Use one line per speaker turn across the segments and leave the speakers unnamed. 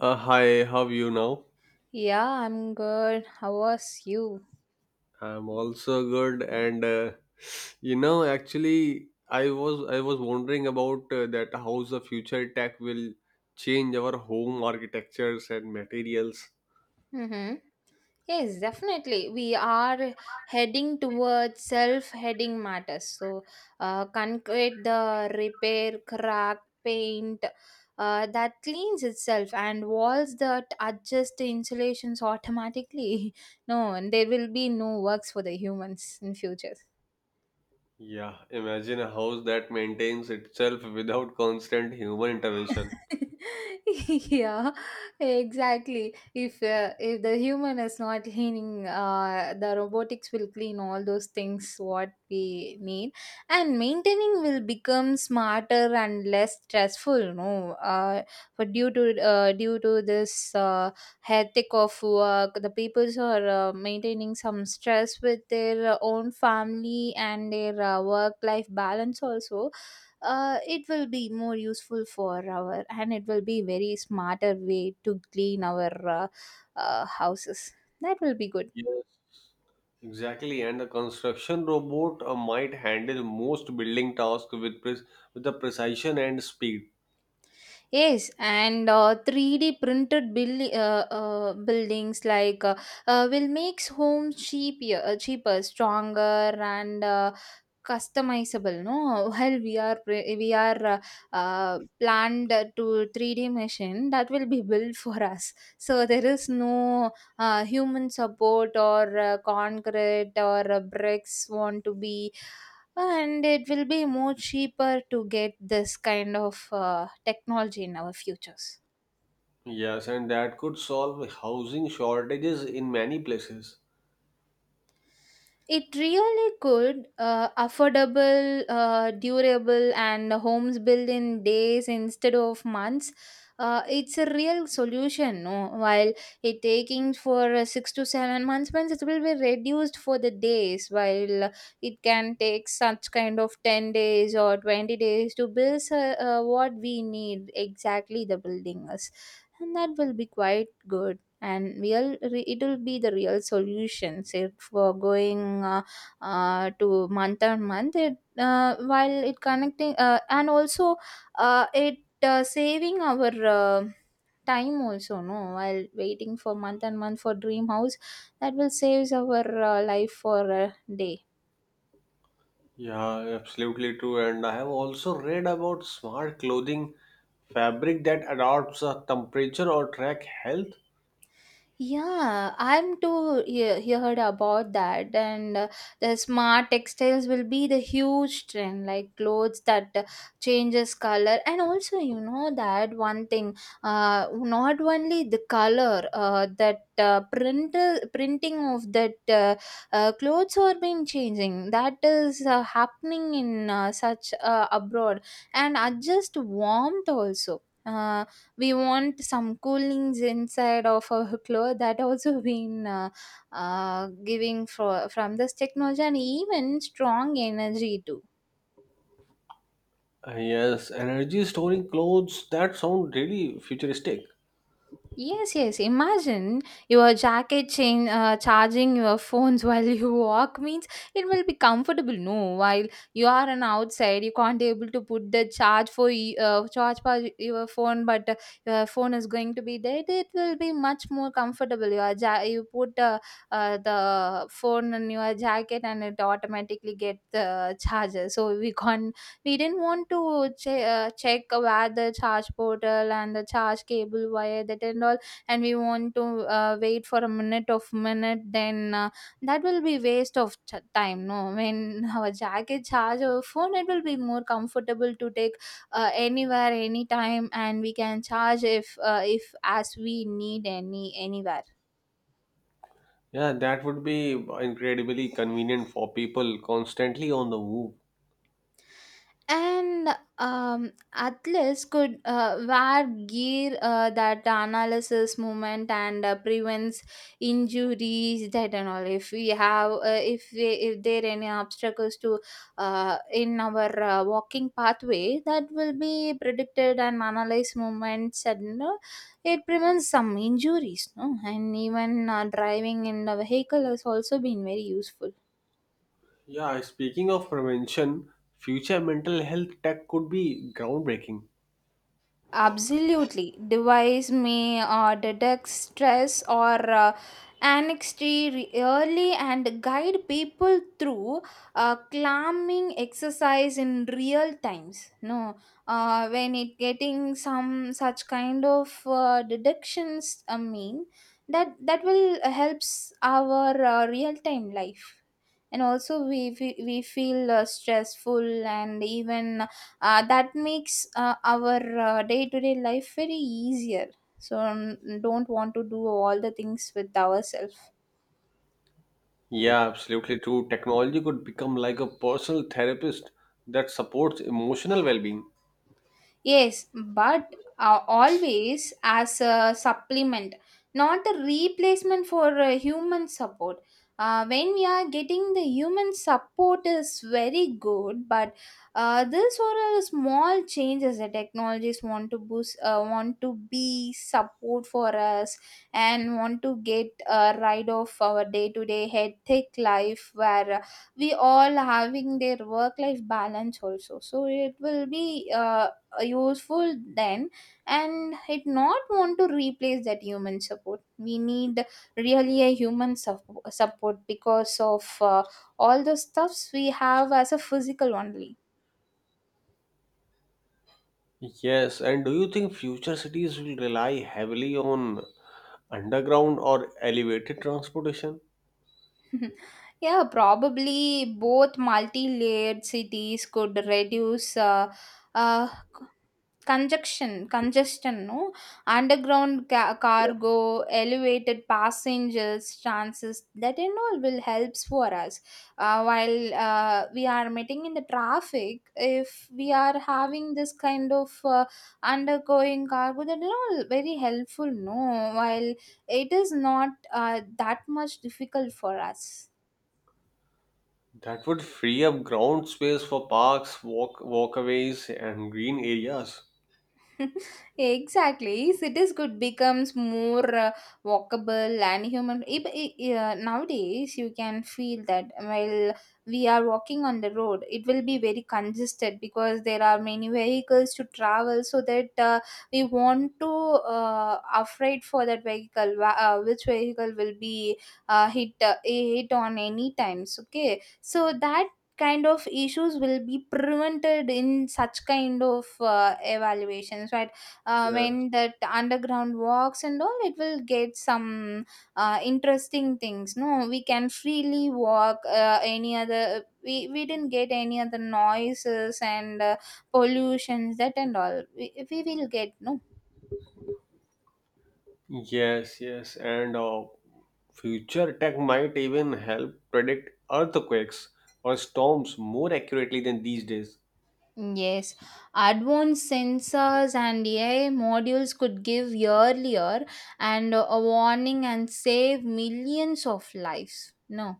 Hi, how are you now?
Yeah, I'm good. How was you?
I'm also good, and actually, I was wondering about that how the future tech will change our home architectures and materials.
Mm-hmm. Yes, definitely. We are heading towards self-heading matters. So, concrete, the repair, crack, paint, that cleans itself, and walls that adjust the insulations automatically. No, and there will be no works for the humans in future.
Yeah, imagine a house that maintains itself without constant human intervention.
Yeah, exactly. If the human is not cleaning, the robotics will clean all those things what we need, and maintaining will become smarter and less stressful. No, uh, for due to due to this hectic of work, the peoples are maintaining some stress with their own family and their work life balance also. It will be more useful for our, and it will be very smarter way to clean our houses. That will be good.
Yes, exactly, and the construction robot might handle most building tasks with pres with the precision and speed.
Yes, and 3D printed buildings will makes homes cheaper, cheaper, stronger, and customizable. No, while we are planned to 3D machine that will be built for us. So there is no human support or concrete or bricks want to be, and it will be more cheaper to get this kind of technology in our futures.
Yes, and that could solve housing shortages in many places.
It really could. Affordable, durable, and homes built in days instead of months. It's a real solution. No? While it taking for 6 to 7 months, means it will be reduced for the days. While it can take such kind of 10 days or 20 days to build what we need exactly the building us, and that will be quite good, and it'll be the real solutions, if for going to month on month. It while it connecting, and also it saving our time also. No, while waiting for month and month for dream house, that will saves our life for a day.
Yeah, absolutely true. And I have also read about smart clothing fabric that adapts a temperature or track health.
Yeah, I'm too heard about that, and the smart textiles will be the huge trend, like clothes that changes color. And also you know that one thing, not only the color, that printing of that clothes are been changing. That is happening in such abroad, and adjust warmth also. We want some coolings inside of our clothes that also been giving for, from this technology, and even strong energy too.
Yes, energy storing clothes that sound really futuristic.
Yes, yes. Imagine your jacket chain charging your phones while you walk means it will be comfortable. No, while you are an outside, you can't able to put the charge for your phone, but your phone is going to be dead. It will be much more comfortable. You put the phone in your jacket and it automatically get the charger. So we didn't want to check where the charge portal and the charge cable wire that and all, and we want to wait for a minute of minute. Then that will be waste of time. No, when our jacket charge our phone, it will be more comfortable to take anywhere anytime, and we can charge if as we need any anywhere.
Yeah, that would be incredibly convenient for people constantly on the move.
And athletes could wear gear that analysis movement and prevents injuries that and all. If we have if there are any obstacles to in our walking pathway, that will be predicted and analyzed movements, and it prevents some injuries. No, and even driving in the vehicle has also been very useful.
Yeah, speaking of prevention, future mental health tech could be groundbreaking.
Absolutely. Device may detect stress or anxiety early and guide people through calming exercise in real times. No, when it getting some such kind of deductions, I mean that will helps our real time life. And also we feel stressful, and even that makes our day-to-day life very easier, so don't want to do all the things with ourselves.
Yeah, absolutely true. Technology could become like a personal therapist that supports emotional well-being.
Yes, but always as a supplement, not a replacement for human support. When we are getting the human support is very good, but this or a small changes the technologies want to boost, want to be support for us, and want to get rid of our day-to-day hectic life, where we all having their work-life balance also. So it will be. Useful then, and it not want to replace that human support. We need really a human support, because of all the stuffs we have as a physical only.
Yes, and do you think future cities will rely heavily on underground or elevated transportation?
Yeah, probably both multi-layered cities could reduce uh, Conjunction congestion. No? Underground
Yes.
cargo, elevated passengers, transits, that and all will helps for us. While we are meeting in the traffic, if we are having this kind of undergoing cargo, that and all very helpful. No? While it is not that much difficult for us.
That would free up ground space for parks, walkaways, and green areas.
Exactly, cities could becomes more walkable and human. If, I- Nowadays, you can feel that while we are walking on the road, it will be very congested because there are many vehicles to travel. So that we want to afraid for that vehicle, which vehicle will be hit on any times. Okay, so that kind of issues will be prevented in such kind of evaluations. Right,
Yes.
when that underground walks and all, it will get some interesting things. No, we can freely walk any other. We didn't get any other noises and pollutions that and all. We will get no.
Yes, yes, and future tech might even help predict earthquakes or storms more accurately than these days.
Yes, advanced sensors and AI modules could give earlier and a warning and save millions of lives. No.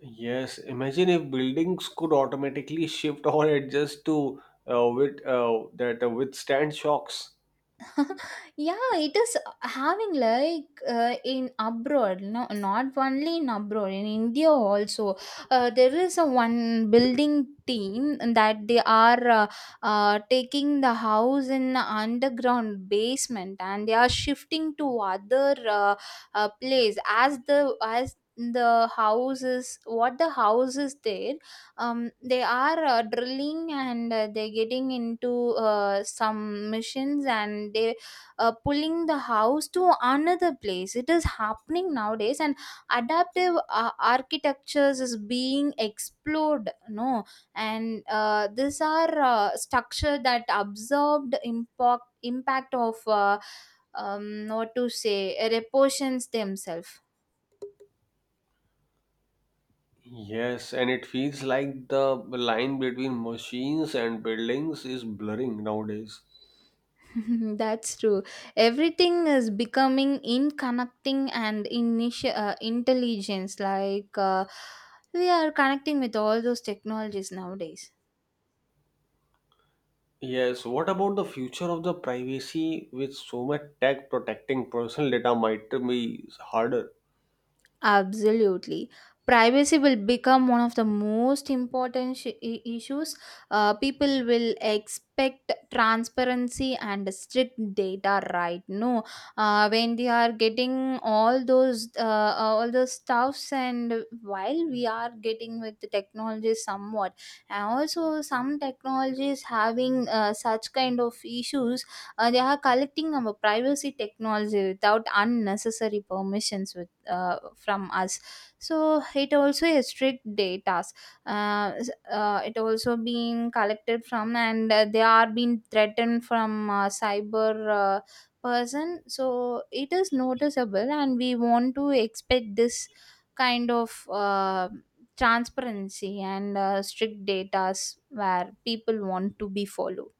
Yes, imagine if buildings could automatically shift or adjust to withstand shocks.
Yeah, it is having like in abroad. No, not only in abroad, in India also. There is a one building team that they are taking the house in underground basement, and they are shifting to other place as the house is what the house is there. They are drilling, and they're getting into some missions, and they pulling the house to another place. It is happening nowadays, and adaptive architectures is being explored. No, and these are structure that absorbed impact of what to say, repositions themselves.
Yes, and it feels like the line between machines and buildings is blurring nowadays.
That's true. Everything is becoming in connecting and initi intelligence. Like we are connecting with all those technologies nowadays.
Yes, what about the future of the privacy with so much tech protecting personal data might be harder?
Absolutely. Privacy will become one of the most important issues. People will expect transparency and strict data, right? No, when they are getting all those stuffs, and while we are getting with the technology somewhat, and also some technologies having such kind of issues, they are collecting our privacy technology without unnecessary permissions from us, so it also has strict data. It also being collected from, and they are being threatened from cyber uh, person. So it is noticeable, and we want to expect this kind of transparency and strict data where people want to be followed.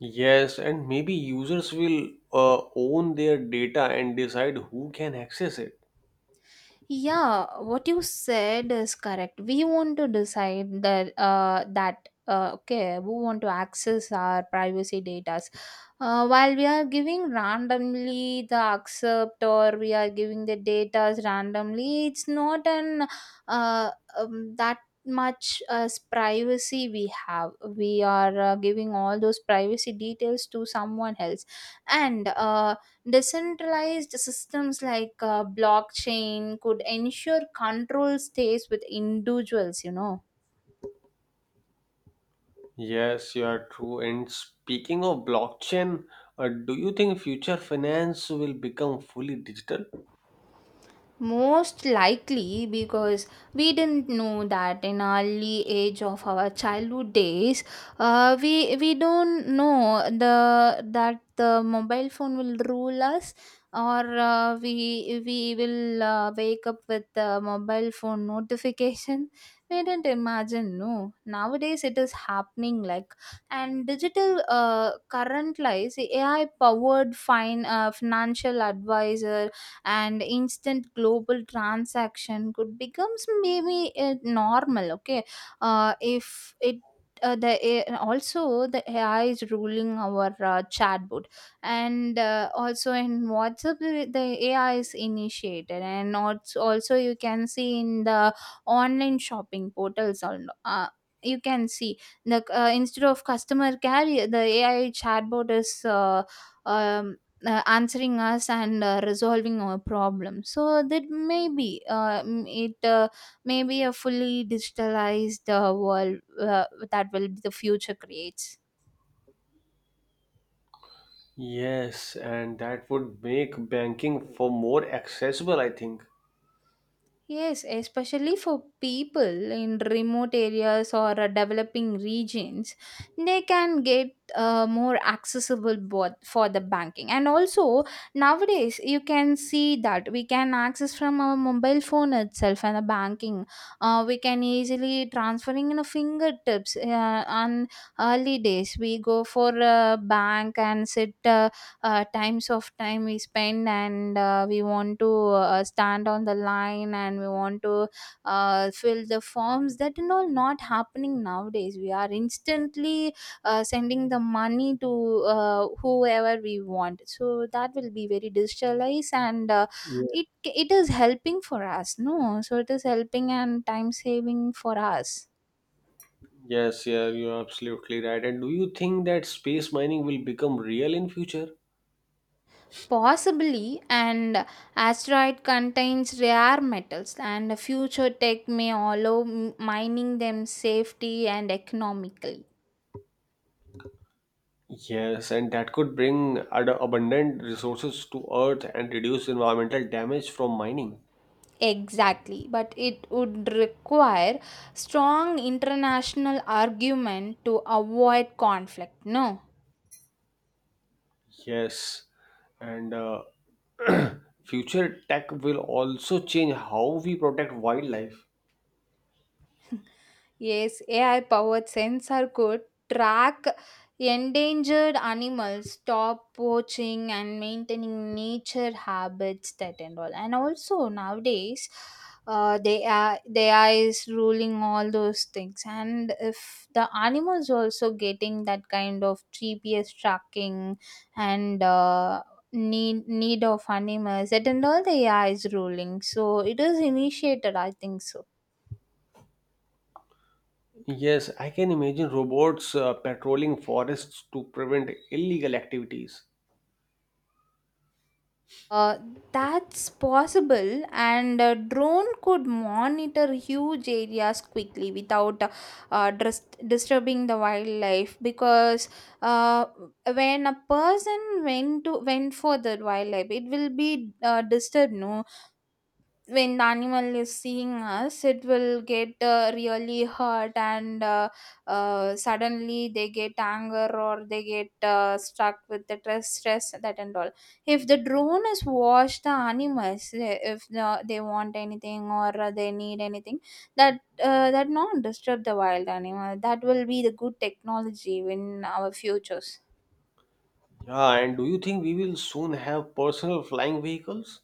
Yes, and maybe users will own their data and decide who can access it.
Yeah, what you said is correct. We want to decide that that okay, we want to access our privacy data. While we are giving randomly the accept, or we are giving the data randomly, it's not an uh, that much as privacy we have. We are giving all those privacy details to someone else, and Decentralized systems like blockchain could ensure control stays with individuals.
Yes, you are true. And speaking of blockchain, do you think future finance will become fully digital?
Most likely, because we didn't know that in early age of our childhood days, we don't know the that the mobile phone will rule us, or we will wake up with the mobile phone notification. We didn't imagine. No, nowadays it is happening like, and digital current lies AI powered fine financial advisor and instant global transaction could becomes maybe normal. Okay, if it the A- also the AI is ruling our chatbot, and also in WhatsApp, the AI is initiated, and also you can see in the online shopping portals on. You can see the instead of customer care, the AI chatbot is um, answering us, and resolving our problem. So that maybe it may be a fully digitalized world that will be the future creates.
Yes, and that would make banking for more accessible, I think.
Yes, especially for people in remote areas or developing regions, they can get more accessible both for the banking. And also nowadays, you can see that we can access from our mobile phone itself and the banking. We can easily transferring in a fingertips. On early days, we go for a bank and sit. Times of time we spend and we want to stand on the line and we want to fill the forms that and all not happening nowadays we are instantly sending the money to whoever we want, so that will be very digitalized and
Yeah.
it is helping for us, no, so it is helping and time saving for us.
Yes, yeah, you're absolutely right. And do you think that space mining will become real in future?
Possibly, and asteroid contains rare metals, and future tech may allow mining them safely and economically.
Yes, and that could bring abundant resources to Earth and reduce environmental damage from mining.
Exactly, but it would require strong international argument to avoid conflict. No.
Yes, and future tech will also change how we protect wildlife.
Yes, AI powered sensor could track endangered animals, stop poaching, and maintaining nature habits, that and all. And also nowadays, they are the AI is ruling all those things. And if the animals also getting that kind of GPS tracking and need of animals, that and all the AI is ruling. So it is initiated, I think so.
Yes, I can imagine robots patrolling forests to prevent illegal activities.
Uh, that's possible, and a drone could monitor huge areas quickly without disturbing the wildlife. Because uh, when a person went for the wildlife, it will be disturbed. No, when the animal is seeing us, it will get really hurt and suddenly they get anger or they get stuck with the stress that and all. If the drone is watch the animals, eh, if the, they want anything or they need anything, that that not disturb the wild animal, that will be the good technology in our futures.
Yeah, and do you think we will soon have personal flying vehicles?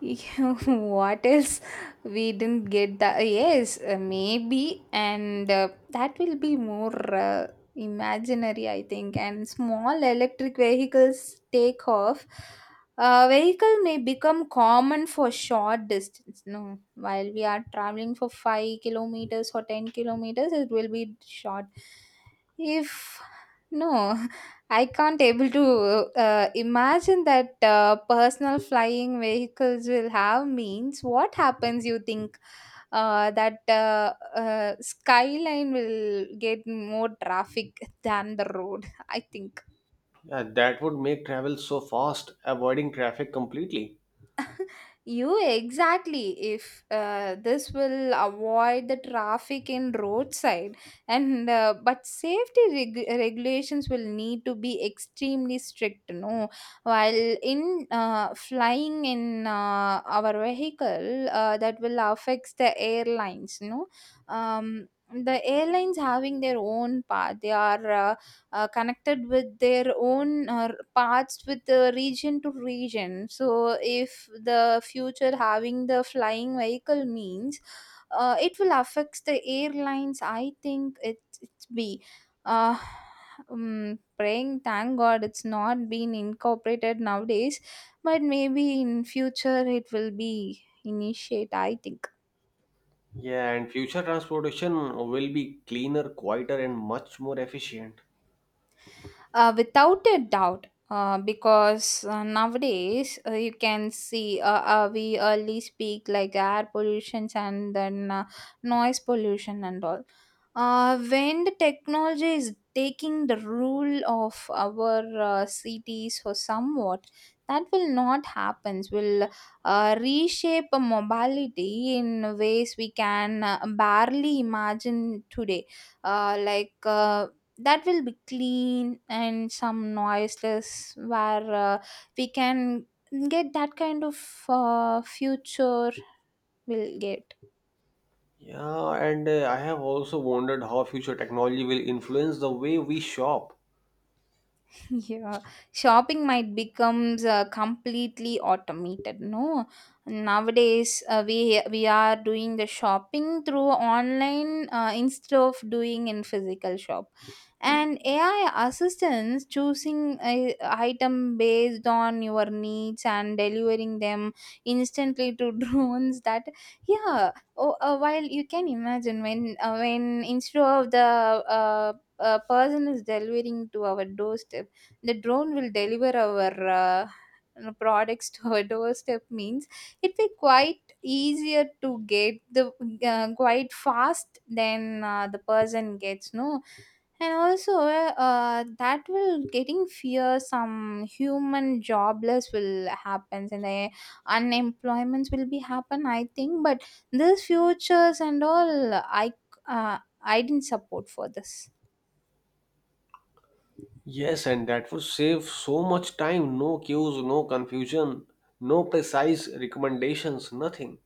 Yeah, what else we didn't get that, yes, maybe, and that will be more imaginary, I think, and small electric vehicles take off. A vehicle may become common for short distance, no, while we are traveling for 5 kilometers or 10 kilometers, it will be short. If, no, I can't able to imagine that personal flying vehicles will have means. What happens? You think that skyline will get more traffic than the road? I think.
Yeah, that would make travel so fast, avoiding traffic completely.
You exactly. If this will avoid the traffic in roadside, and but safety regulations will need to be extremely strict. No, while in flying in our vehicle, that will affect the airlines. No, the airlines having their own path. They are. Connected with their own parts with the region to region. So, if the future having the flying vehicle means it will affect the airlines, I think it's be. Uh, Praying thank god it's not been incorporated nowadays, but maybe in future it will be initiate, I think.
Yeah, and future transportation will be cleaner, quieter, and much more efficient.
Without a doubt, because nowadays you can see we early speak like air pollutions and then noise pollution and all. When the technology is taking the rule of our cities or somewhat, that will not happen. Will reshape a mobility in ways we can barely imagine today, uh, like uh, that will be clean and some noiseless where we can get that kind of future we'll get.
Yeah, and I have also wondered how future technology will influence the way we shop.
Yeah, shopping might becomes completely automated. No, nowadays we are doing the shopping through online instead of doing in physical shop, and AI assistants choosing a item based on your needs and delivering them instantly to drones. That, yeah, oh, while you can imagine when instead of the a person is delivering to our doorstep, the drone will deliver our uh, you products to our doorstep means it be quite easier to get the quite fast than the person gets, no. And also that will getting fear some human jobless will happens and the unemployments will be happen, I think, but this futures and all, I, I didn't support for this.
Yes, and that would save so much time. No queues, no confusion, no precise recommendations, nothing.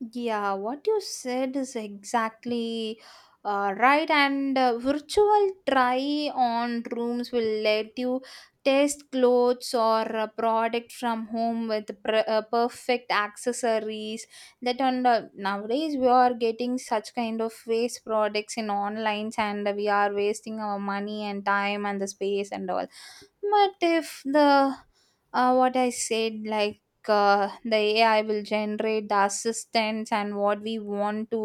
Yeah, what you said is exactly right. And virtual try on rooms will let you test clothes or a product from home with perfect accessories. That on the nowadays we are getting such kind of waste products in online, and we are wasting our money and time and the space and all, but if the what I said like, the AI will generate the assistance and what we want to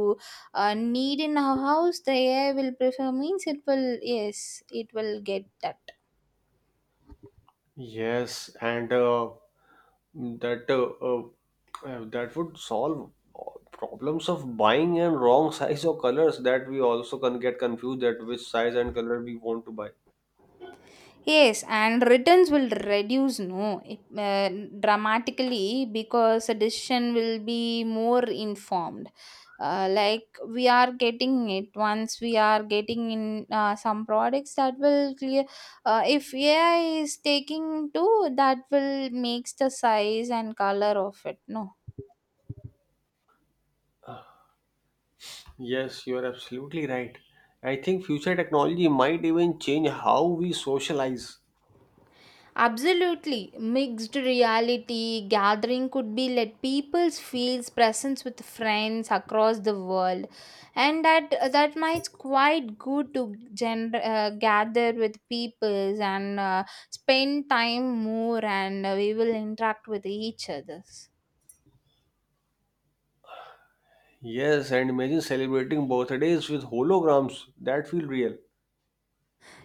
need in our house, the AI will prefer means it will, yes, it will get that.
Yes, and that would solve all problems of buying and wrong size or colors that we also can get confused at which size and color we want to buy.
Yes, and returns will reduce, no, it, uh, dramatically, because a decision will be more informed. Like we are getting it once, we are getting in some products that will clear. If AI is taking two, that will makes the size and color of it. No.
Yes, you are absolutely right. I think future technology might even change how we socialize.
Absolutely. Mixed reality gathering could be let people feels presence with friends across the world, and that might quite good to gather with peoples and spend time more and we will interact with each others.
Yes, and imagine celebrating birthdays with holograms that feel real.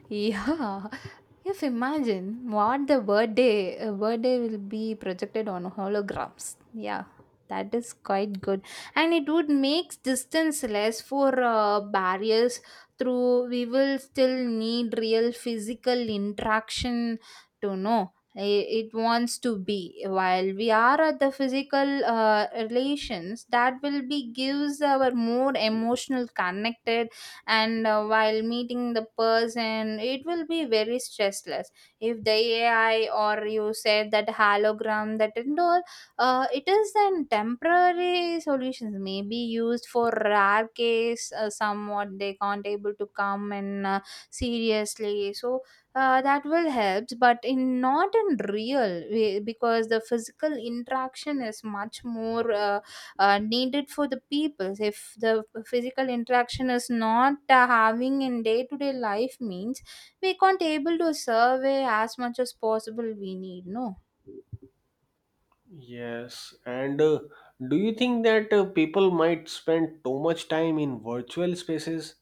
Yeah, if imagine what the birthday will be projected on holograms. Yeah, that is quite good, and it would make distance less for barriers. Through, we will still need real physical interaction to know, it wants to be, while we are at the physical relations that will be gives our more emotional connected. And while meeting the person, it will be very stressless if the AI or you said that hologram that and all, it is then temporary solutions may be used for rare case somewhat they can't able to come and seriously, so that will help but in not in real way, because the physical interaction is much more needed for the people. If the physical interaction is not having in day-to-day life means we can't able to survey as much as possible we need, no.
Yes, and do you think that people might spend too much time in virtual spaces?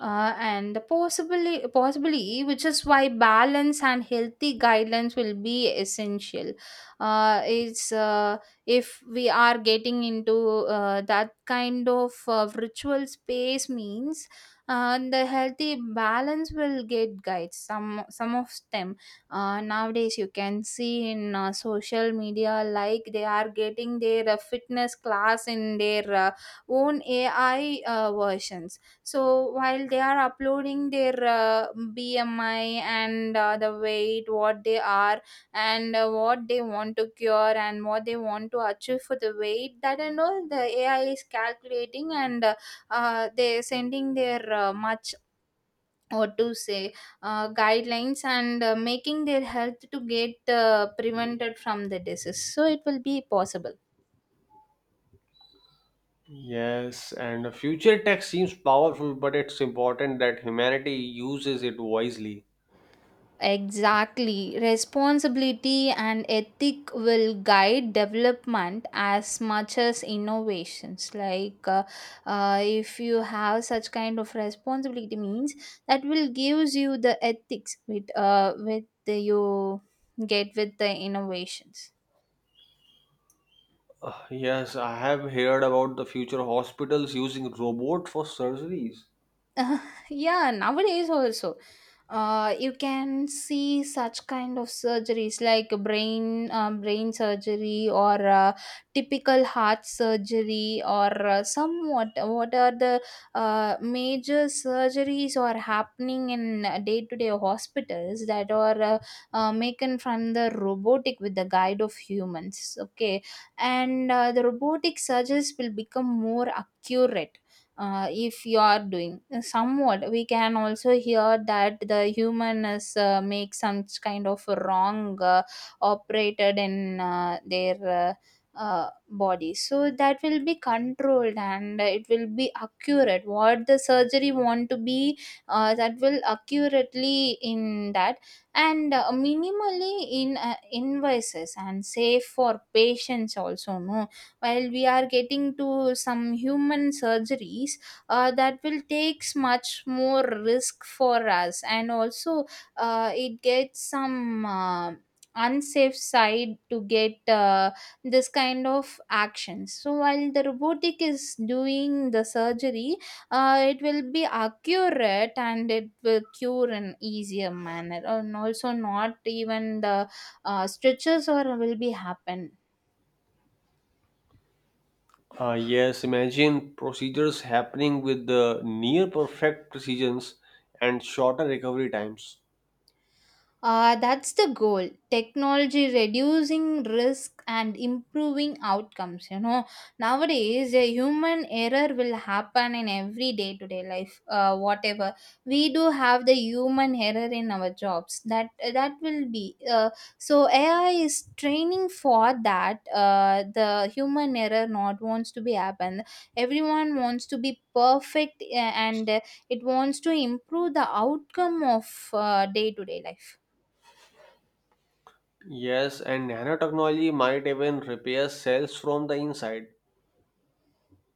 And the possibly which is why balance and healthy guidelines will be essential. It's If we are getting into that kind of virtual space means the healthy balance will get guides some of them. Nowadays you can see in social media like they are getting their fitness class in their own AI versions. So while they are uploading their BMI and the weight, what they are, and what they want to cure, and what they want to achieve for the weight, that and all, the AI is calculating and they're sending their much or to say guidelines and making their health to get prevented from the disease. So it will be possible.
Yes, and the future tech seems powerful, but it's important that humanity uses it wisely.
Exactly. Responsibility and ethic will guide development as much as innovations. Like, if you have such kind of responsibility means that will gives you the ethics with the you get with the innovations.
Yes, I have heard about the future hospitals using robot for surgeries.
Uh, yeah, nowadays also you can see such kind of surgeries like brain surgery or typical heart surgery or somewhat, what are the major surgeries are happening in day to day hospitals, that are making from the robotic with the guide of humans, okay. And the robotic surgeries will become more accurate. If you are doing somewhat, we can also hear that the human is make some kind of wrong operated in their body, so that will be controlled and it will be accurate what the surgery want to be. That will accurately in that and minimally in invoices and safe for patients also, no. While we are getting to some human surgeries, that will takes much more risk for us, and also it gets some unsafe side to get this kind of actions. So while the robotic is doing the surgery, it will be accurate and it will cure in easier manner, and also not even the stitches or will be happen.
Yes, imagine procedures happening with the near perfect precisions and shorter recovery times.
That's the goal. Technology reducing risk and improving outcomes. You know, nowadays a human error will happen in every day to day life. Whatever we do have the human error in our jobs. That will be. So AI is training for that. The human error not wants to be happen. Everyone wants to be perfect, and it wants to improve the outcome of day to day life.
Yes, and nanotechnology might even repair cells from the inside.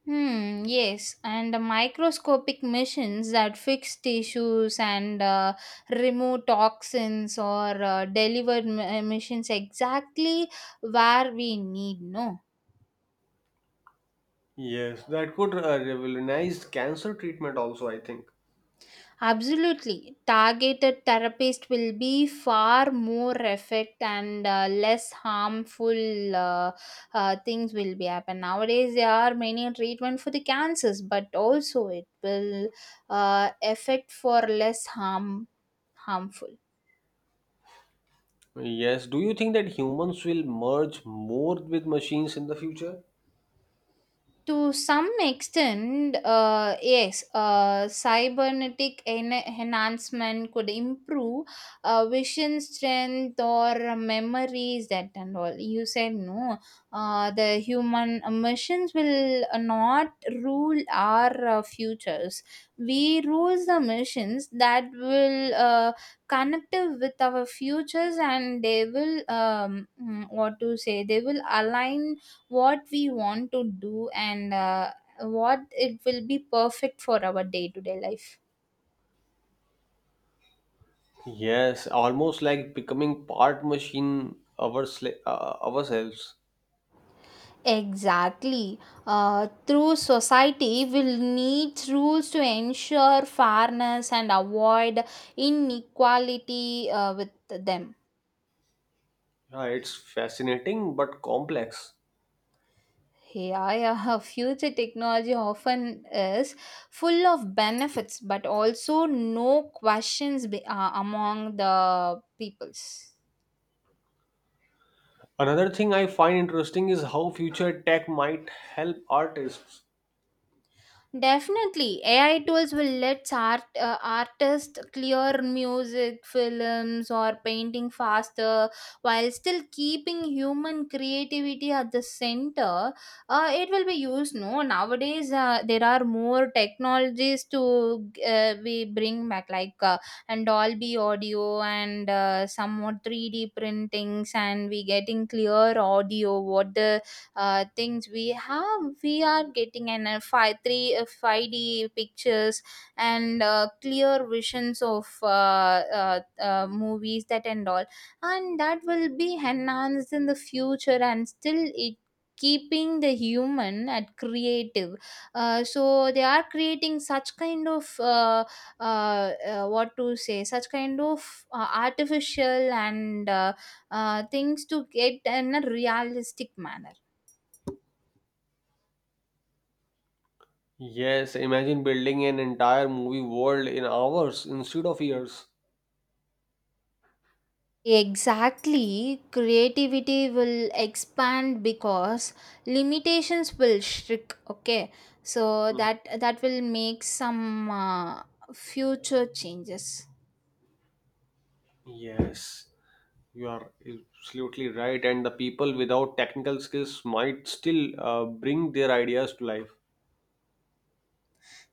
Hmm, yes, and microscopic machines that fix tissues and remove toxins or deliver emissions exactly where we need, no?
Yes, that could revolutionize cancer treatment also, I think.
Absolutely. Targeted therapist will be far more effect and less harmful things will be happen. Nowadays, there are many treatment for the cancers, but also it will affect for less harmful.
Yes, do you think that humans will merge more with machines in the future?
To some extent, yes, cybernetic enhancement could improve vision strength or memories, that and all. You said, no. The human missions will not rule our futures. We rule the missions that will connect with our futures, and they will, what to say, they will align what we want to do, and what it will be perfect for our day to day life.
Yes, almost like becoming part machine ourselves.
Exactly. Through society, will need rules to ensure fairness and avoid inequality with them.
Yeah, it's fascinating but complex.
Yeah, yeah. Future technology often is full of benefits, but also no questions be, among the peoples.
Another thing I find interesting is how future tech might help artists.
Definitely, AI tools will let artists clear music, films, or painting faster while still keeping human creativity at the center. It will be used. No, nowadays there are more technologies to we bring back, like, and Dolby audio and some more 3D printings, and we getting clear audio. What the things we have we are getting an 5 3 5d pictures and clear visions of movies that and all, and that will be enhanced in the future and still it keeping the human at creative. So they are creating such kind of what to say, such kind of artificial and things to get in a realistic manner.
Yes, imagine building an entire movie world in hours instead of years.
Exactly, creativity will expand because limitations will shrink. Okay, so
Mhm.
that will make some future changes.
Yes, you are absolutely right. And the people without technical skills might still bring their ideas to life.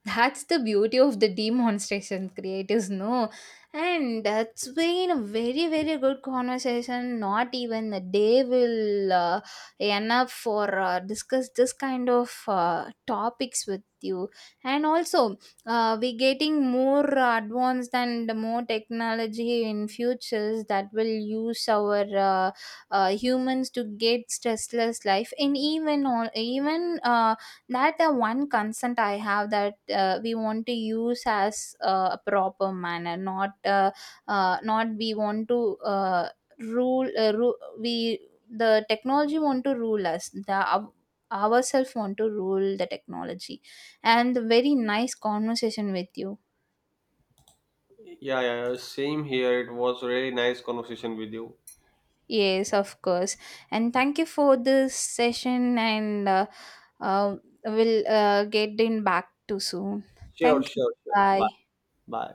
That's the beauty of the demonstration creators, no. And that's been a very good conversation, not even a day will enough for discuss this kind of topics with you. And also, we getting more advanced and more technology in futures that will use our humans to get stressless life, and even all, even that, the one concern I have, that we want to use as a proper manner, not not we want to rule, we, the technology want to rule us, the ourselves want to rule the technology. And very nice conversation with you.
Yeah, yeah, yeah, same here. It was really nice conversation with you.
Yes, of course. And thank you for this session, and uh, we'll get in back to soon.
Sure,
Thank you.
sure, sure. Bye.
Bye.
Bye.